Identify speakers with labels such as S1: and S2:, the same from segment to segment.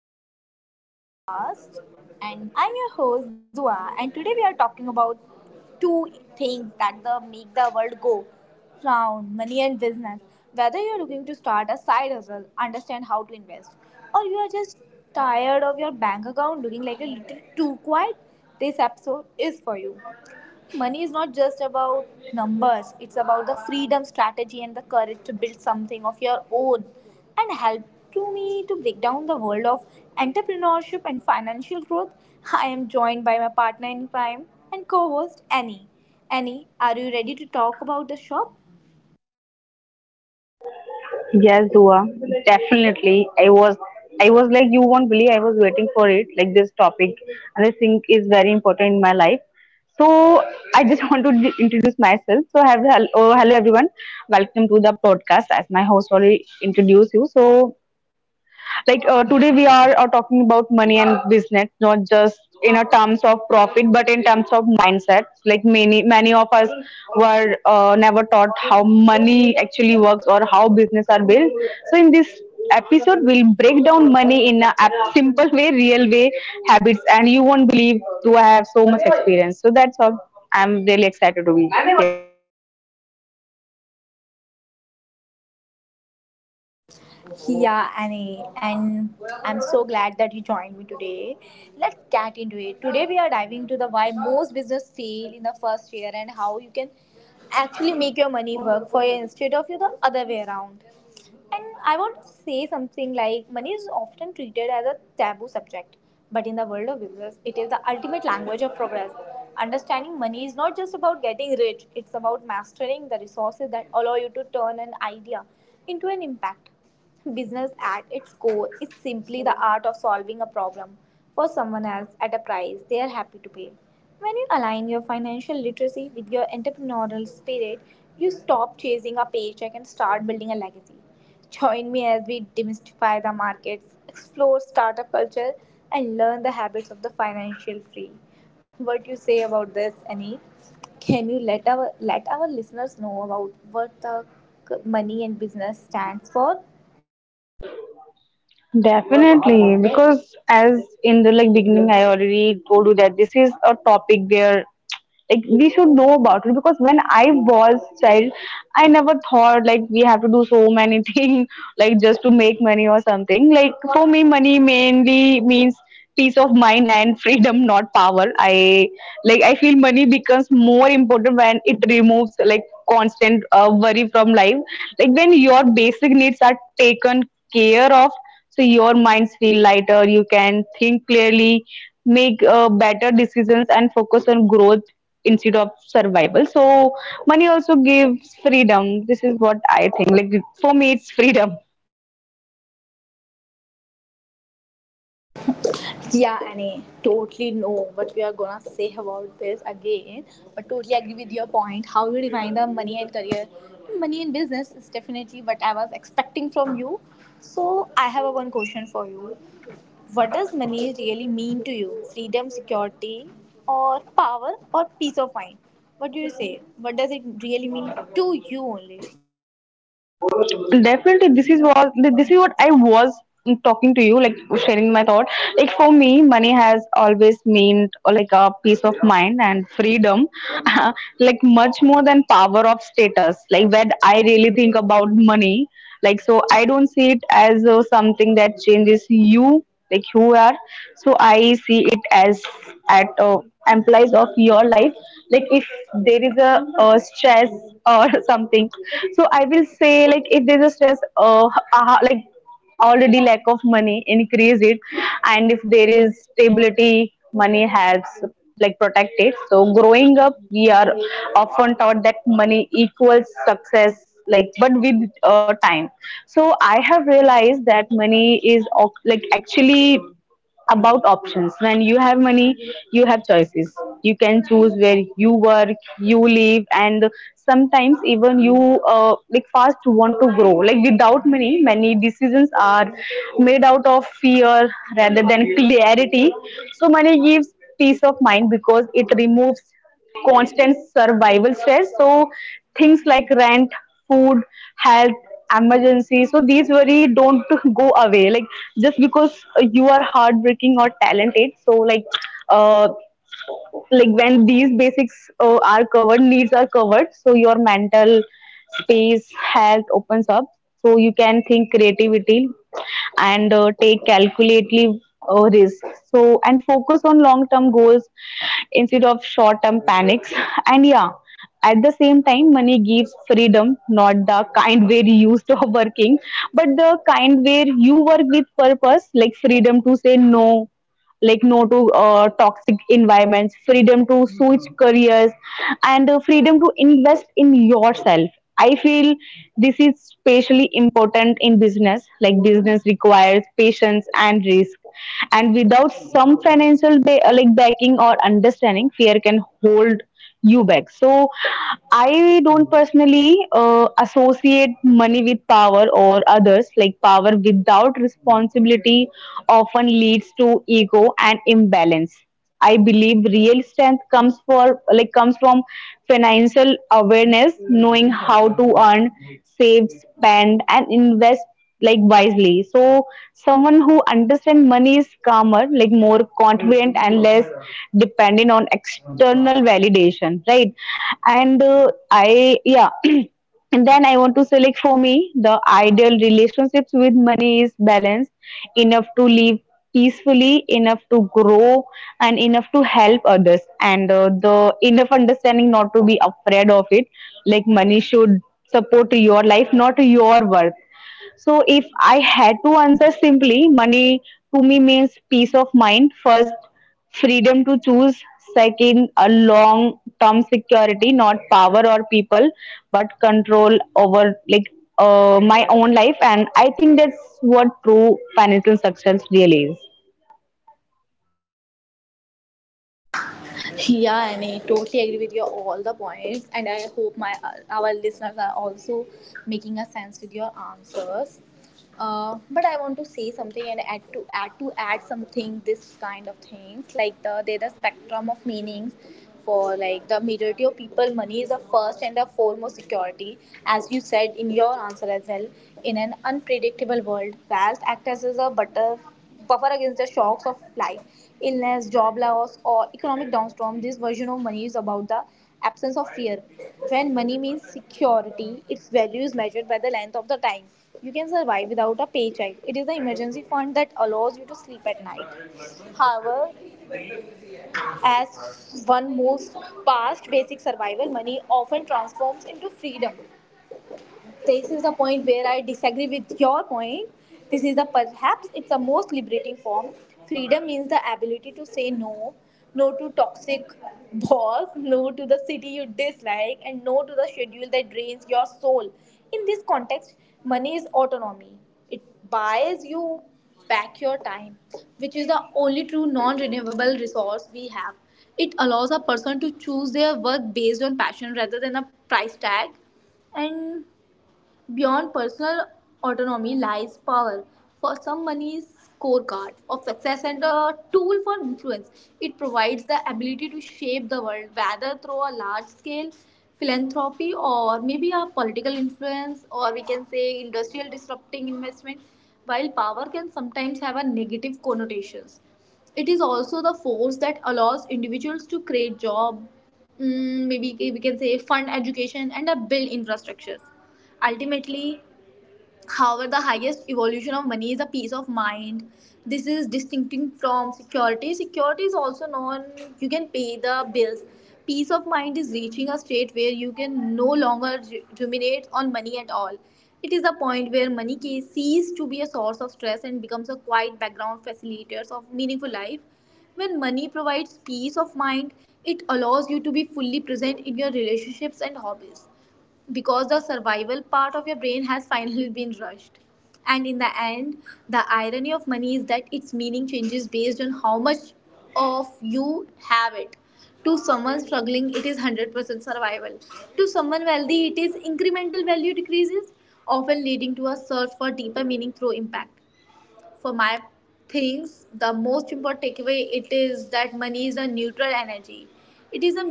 S1: back to the Divas podcast. And I'm your host Dua, and today we are talking about two things that the make the world go round: money and business. Whether you're looking to start a side hustle, understand how to invest, or you are just tired of your bank account looking like a little too quiet, this episode is for you. Money is not just about numbers, it's about the freedom, strategy, and the courage to build something of your own and help to me to break down the world of entrepreneurship and financial growth. I am joined by my partner in crime and co-host Annie. Annie, are you ready to talk about the shop?
S2: Yes, Dua, definitely. I was like, you won't believe I was waiting for it, like this topic, and I think is very important in my life. So I just want to introduce myself. So I have hel- oh, hello everyone, welcome to the podcast. As my host already introduced you, so like today we are talking about money and business, not just in a terms of profit but in terms of mindset, like many of us were never taught how money actually works or how business are built. So in this episode, we'll break down money in a simple way, real way, habits. And you won't believe, do I have so much experience, so that's all. I'm really excited to be here.
S1: Yeah, Annie, and I'm so glad that you joined me today. Let's get into it. Today we are diving into the why most business fail in the first year and how you can actually make your money work for you instead of you the other way around. And I want to say something like money is often treated as a taboo subject, but in the world of business, it is the ultimate language of progress. Understanding money is not just about getting rich, it's about mastering the resources that allow you to turn an idea into an impact. Business at its core is simply the art of solving a problem for someone else at a price they are happy to pay. When you align your financial literacy with your entrepreneurial spirit, you stop chasing a paycheck and start building a legacy. Join me as we demystify the markets, explore startup culture, and learn the habits of the financial free. What you say about this, Annie? Can you let our listeners know about what the money and business stands for?
S2: Definitely, because as in the like beginning, I already told you that this is a topic where like we should know about it. Because when I was child, I never thought like we have to do so many things like just to make money or something. Like for me, money mainly means peace of mind and freedom, not power. I like I feel money becomes more important when it removes like constant worry from life. Like when your basic needs are taken care of, so your minds feel lighter, you can think clearly, make better decisions and focus on growth instead of survival. So money also gives freedom. This is what I think. Like for me, it's freedom.
S1: Yeah, Annie, totally know what we are gonna say about this again, but totally agree with your point. How you define the money and career, money and business is definitely what I was expecting from you. So I have a one question for you. What does money really mean to you? Freedom, security, or power, or peace of mind? What do you say? What does it really mean to you only?
S2: Definitely, this is what, this is what I was talking to you, like sharing my thought. Like for me, money has always meant like a peace of mind and freedom. Like much more than power of status. Like when I really think about money, like, so I don't see it as something that changes you, like who you are. So I see it as at implies of your life. Like if there is a, stress or something, so I will say like if there's a stress, like, already lack of money increase it. And if there is stability, money helps like protect it. So growing up, we are often taught that money equals success. Like but with time, so I have realized that money is like actually about options. When you have money, you have choices. You can choose where you work, you live, and sometimes even you like fast want to grow. Like without money, many decisions are made out of fear rather than clarity. So money gives peace of mind because it removes constant survival stress. So things like rent, food, health, emergency. So these worry don't go away. Like just because you are hardworking or talented. So uh, like when these basics are covered, needs are covered, so your mental space health opens up, so you can think creativity and take calculately risk, so and focus on long term goals instead of short term panics. And yeah, at the same time, money gives freedom, not the kind where you used to working, but the kind where you work with purpose. Like freedom to say no, like no to toxic environments, freedom to switch careers, and freedom to invest in yourself. I feel this is especially important in business. Like business requires patience and risk, and without some financial like backing or understanding, fear can hold UBEC. So I don't personally associate money with power or others. Like power without responsibility often leads to ego and imbalance. I believe real strength comes for like comes from financial awareness, knowing how to earn, save, spend, and invest like wisely. So someone who understands money is calmer, like more confident and less dependent on external validation, right? And I yeah. And then I want to say, like, for me, the ideal relationships with money is balanced enough to live peacefully, enough to grow, and enough to help others, and the enough understanding not to be afraid of it. Like, money should support your life, not your worth. So if I had to answer simply, money to me means peace of mind. First, freedom to choose. Second, a long term security, not power or people, but control over like my own life. And I think that's what true financial success really is.
S1: Yeah, and I totally agree with your all the points, and I hope my our listeners are also making a sense with your answers. But I want to say something and add something. This kind of things like the spectrum of meanings for like the majority of people, money is the first and the foremost security, as you said in your answer as well. In an unpredictable world, wealth acts as a butterfly buffer against the shocks of life, illness, job loss, or economic downstorm. This version of money is about the absence of fear. When money means security, its value is measured by the length of the time you can survive without a paycheck. It is the emergency fund that allows you to sleep at night. However, as one moves past basic survival, money often transforms into freedom. This is the point where I disagree with your point. This is the perhaps it's the most liberating form. Freedom means the ability to say no, no to toxic boss, no to the city you dislike, and no to the schedule that drains your soul. In this context, money is autonomy. It buys you back your time, which is the only true non renewable resource we have. It allows a person to choose their work based on passion rather than a price tag. And beyond personal autonomy lies power. For some, money is scorecard of success and a tool for influence. It provides the ability to shape the world, whether through a large-scale philanthropy or maybe a political influence, or we can say industrial disrupting investment. While power can sometimes have a negative connotations, it is also the force that allows individuals to create job, maybe we can say fund education and a build infrastructures ultimately. However, the highest evolution of money is a peace of mind. This is distinct from security. Security is also known, you can pay the bills. Peace of mind is reaching a state where you can no longer ruminate on money at all. It is the point where money cease to be a source of stress and becomes a quiet background facilitator of meaningful life. When money provides peace of mind, it allows you to be fully present in your relationships and hobbies because the survival part of your brain has finally been rushed. And in the end, the irony of money is that its meaning changes based on how much of you have it. To someone struggling, it is 100% survival. To someone wealthy, it is incremental value decreases, often leading to a search for deeper meaning through impact. For my things, the most important takeaway it is that money is a neutral energy. It is a,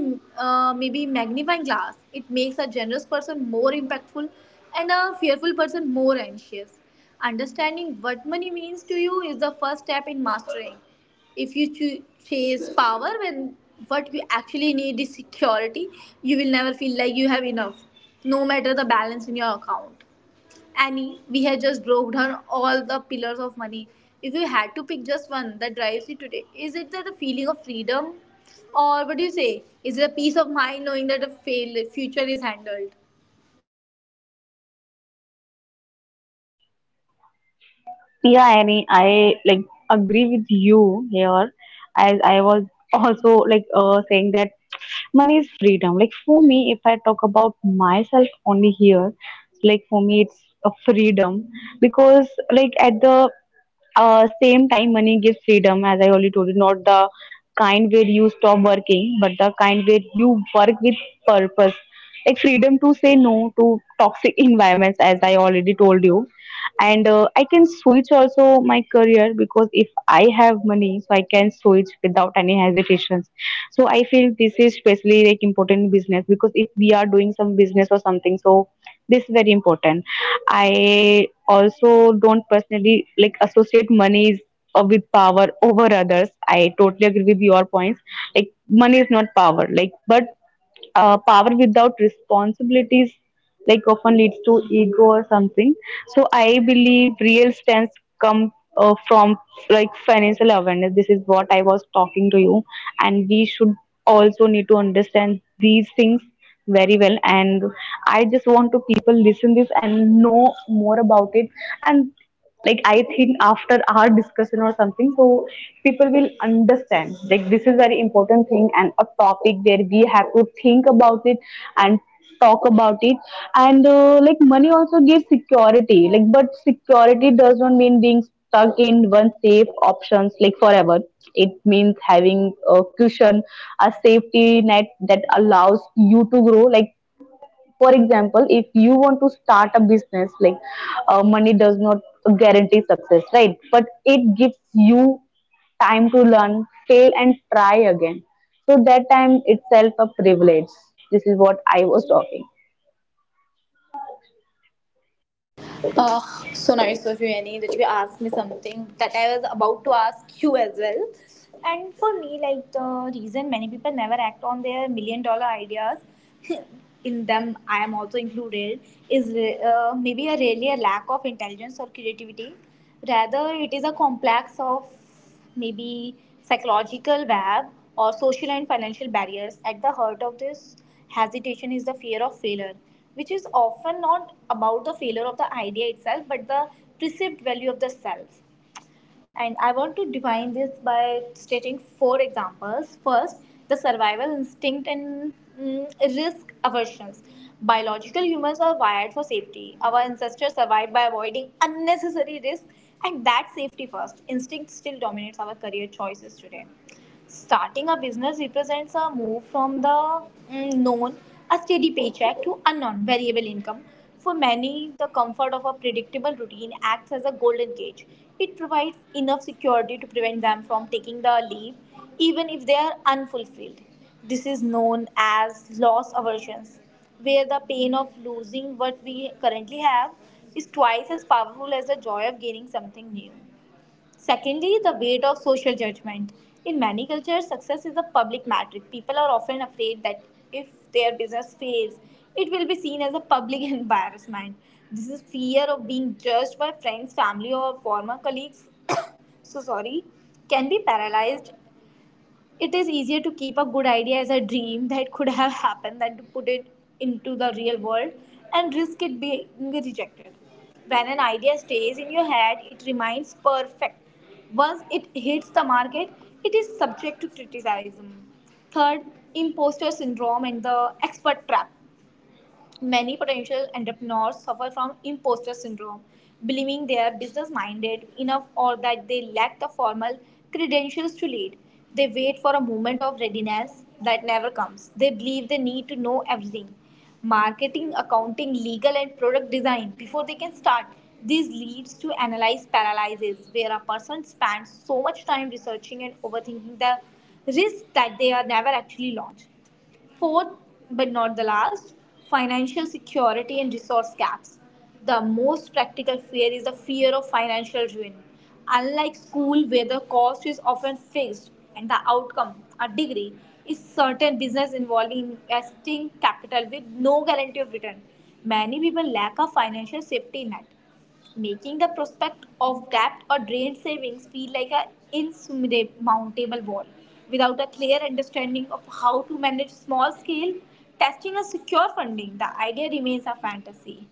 S1: maybe, magnifying glass. It makes a generous person more impactful and a fearful person more anxious. Understanding what money means to you is the first step in mastering. If you chase power when what you actually need is security, you will never feel like you have enough, no matter the balance in your account. Annie, we had just broke down all the pillars of money. If you had to pick just one that drives you today, is it that the feeling of freedom? Or what do you say? Is it a peace of mind knowing that the future is handled?
S2: Yeah, Annie, I like agree with you here. As I was also like saying that money is freedom. Like for me, if I talk about myself only here, like for me, it's a freedom, because like at the same time, money gives freedom, as I already told you, not the kind where you stop working, but the kind where you work with purpose. Like freedom to say no to toxic environments, as I already told you. And I can switch also my career, because if I have money, so I can switch without any hesitations. So I feel this is especially like important in business, because if we are doing some business or something, so this is very important. I also don't personally like associate money with power over others. I totally agree with your points. Like money is not power. Like but power without responsibilities like often leads to ego or something. So I believe real stance come from like financial awareness. This is what I was talking to you. And we should also need to understand these things very well. And I just want to people listen this and know more about it. And like I think after our discussion or something, so people will understand like this is very important thing and a topic where we have to think about it and talk about it. And like money also gives security, like but security does not mean being stuck in one safe options like forever. It means having a cushion, a safety net that allows you to grow. Like for example, if you want to start a business, like money does not guarantee success, right? But it gives you time to learn, fail, and try again. So that time itself a privilege. This is what I was talking.
S1: Uh, so nice of you, Annie, that you asked me something that I was about to ask you as well. And for me, like the reason many people never act on their $1,000,000 ideas, in them I am also included, is maybe a really a lack of intelligence or creativity. Rather, it is a complex of maybe psychological web or social and financial barriers. At the heart of this hesitation is the fear of failure, which is often not about the failure of the idea itself, but the perceived value of the self. And I want to define this by stating four examples. First, the survival instinct and, risk aversions. Biological humans are wired for safety. Our ancestors survived by avoiding unnecessary risk and that safety first. Instinct still dominates our career choices today. Starting a business represents a move from the, known, a steady paycheck, to unknown, variable income. For many, the comfort of a predictable routine acts as a golden cage. It provides enough security to prevent them from taking the leap, even if they are unfulfilled. This is known as loss aversions, where the pain of losing what we currently have is twice as powerful as the joy of gaining something new. Secondly, the weight of social judgment. In many cultures, success is a public metric. People are often afraid that if their business fails, it will be seen as a public embarrassment. This is fear of being judged by friends, family, or former colleagues. So sorry, can be paralyzed. It is easier to keep a good idea as a dream that could have happened than to put it into the real world and risk it being rejected. When an idea stays in your head, it remains perfect. Once it hits the market, it is subject to criticism. Third, imposter syndrome and the expert trap. Many potential entrepreneurs suffer from imposter syndrome, believing they are business minded enough or that they lack the formal credentials to lead. They wait for a moment of readiness that never comes. They believe they need to know everything: marketing, accounting, legal, and product design before they can start. This leads to analyze paralysis, where a person spends so much time researching and overthinking the risk that they are never actually launched. Fourth, but not the last, financial security and resource gaps. The most practical fear is the fear of financial ruin. Unlike school, where the cost is often fixed and the outcome, a degree, is certain, business involving investing capital with no guarantee of return, many people lack a financial safety net, making the prospect of debt or drained savings feel like an insurmountable wall. Without a clear understanding of how to manage small scale testing a secure funding, the idea remains a fantasy.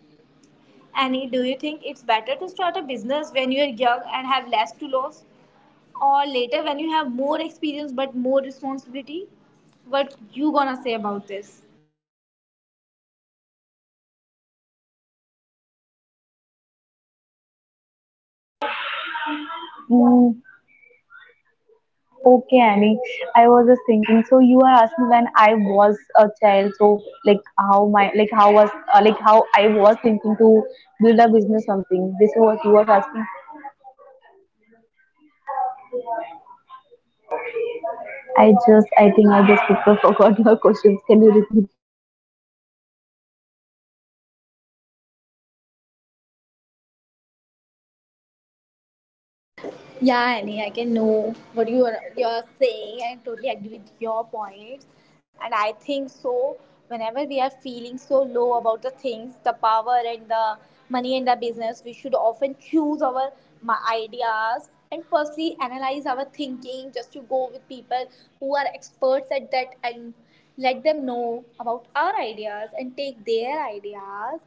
S1: Annie, do you think it's better to start a business when you're young and have less to lose, or later when you have more experience but more responsibility? What you gonna say about this?
S2: Hmm. Okay, Annie. I was just thinking. So you are asking when I was a child. So like how was like how I was thinking to build a business something. This is what you was asking. I think I just forgot your questions. Can you repeat?
S1: Yeah, Annie, I can know what you're saying. I totally agree with your points. And I think so whenever we are feeling so low about the things, the power and the money and the business, we should often choose our ideas and firstly analyze our thinking just to go with people who are experts at that and let them know about our ideas and take their ideas.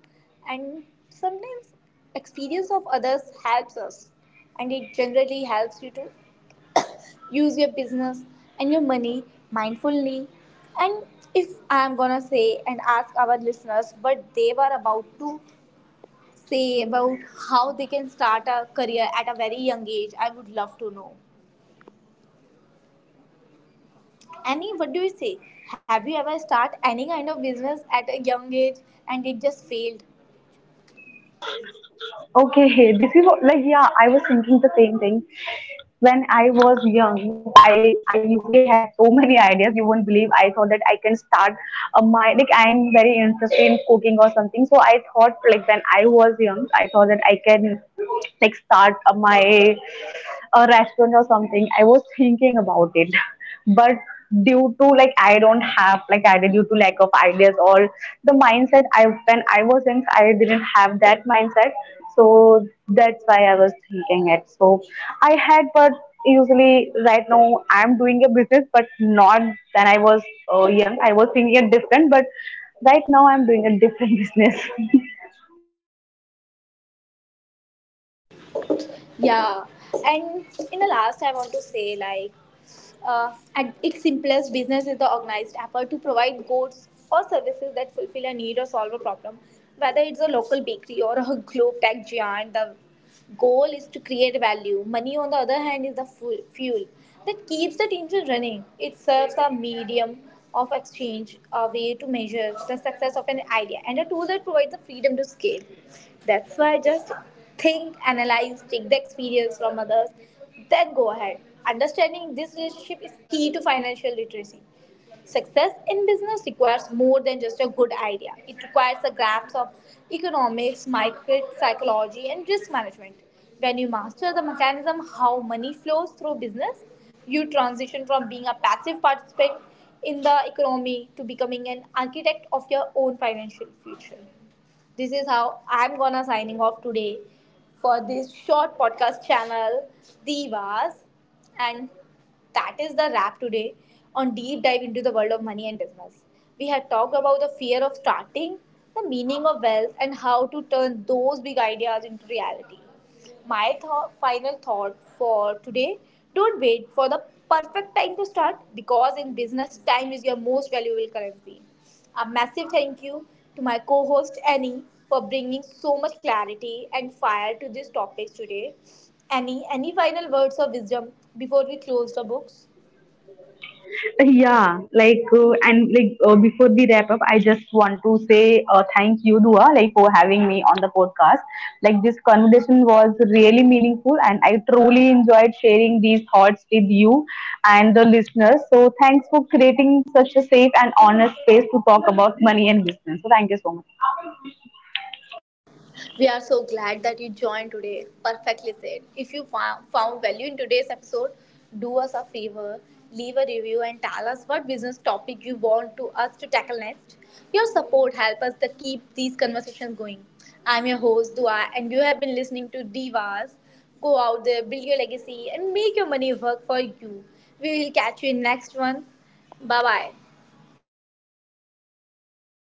S1: And sometimes experience of others helps us, and it generally helps you to use your business and your money mindfully. And if I'm gonna say and ask our listeners what they were about to say about how they can start a career at a very young age, I would love to know. Annie, what do you say? Have you ever start any kind of business at a young age and it just failed?
S2: Okay, hey, this is like yeah, I was thinking the same thing. When I was young, I usually had so many ideas. You won't believe. I thought that I can start a my like I'm very interested in cooking or something. So I thought like when I was young, I thought that I can like start my a restaurant or something. I was thinking about it. But due to like I don't have like I due to lack of ideas or the mindset, I when I was young, I didn't have that mindset. So that's why I was thinking it. So I had. But usually right now, I'm doing a business, but not when I was young. I was thinking it different, but right now I'm doing a different business.
S1: Yeah. And in the last I want to say like, at its simplest, business is the organized effort to provide goods or services that fulfill a need or solve a problem. Whether it's a local bakery or a globe tech giant, the goal is to create value. Money, on the other hand, is the fuel that keeps the engine running. It serves a medium of exchange, a way to measure the success of an idea, and a tool that provides the freedom to scale. That's why just think, analyze, take the experience from others, then go ahead. Understanding this relationship is key to financial literacy. Success in business requires more than just a good idea. It requires a grasp of economics, market psychology, and risk management. When you master the mechanism how money flows through business, you transition from being a passive participant in the economy to becoming an architect of your own financial future. This is how I'm gonna signing off today for this short podcast channel, Divas. And that is the wrap today on deep dive into the world of money and business. We had talked about the fear of starting, the meaning of wealth, and how to turn those big ideas into reality. My final thought for today: don't wait for the perfect time to start because in business, time is your most valuable currency. A massive thank you to my co host Annie for bringing so much clarity and fire to these topics today. Annie, any final words of wisdom before we close the books?
S2: Yeah, like and like before we wrap up, I just want to say thank you, Dua, like for having me on the podcast. Like this conversation was really meaningful, and I truly enjoyed sharing these thoughts with you and the listeners. So thanks for creating such a safe and honest space to talk about money and business. So thank you so much.
S1: We are so glad that you joined today. Perfectly said. If you found value in today's episode, do us a favor, leave a review, and tell us what business topic you want to us to tackle next. Your support helps us to keep these conversations going. I'm your host Dua, and you have been listening to Divas. Go out there, build your legacy, and make your money work for you. We will catch you in next one. Bye bye.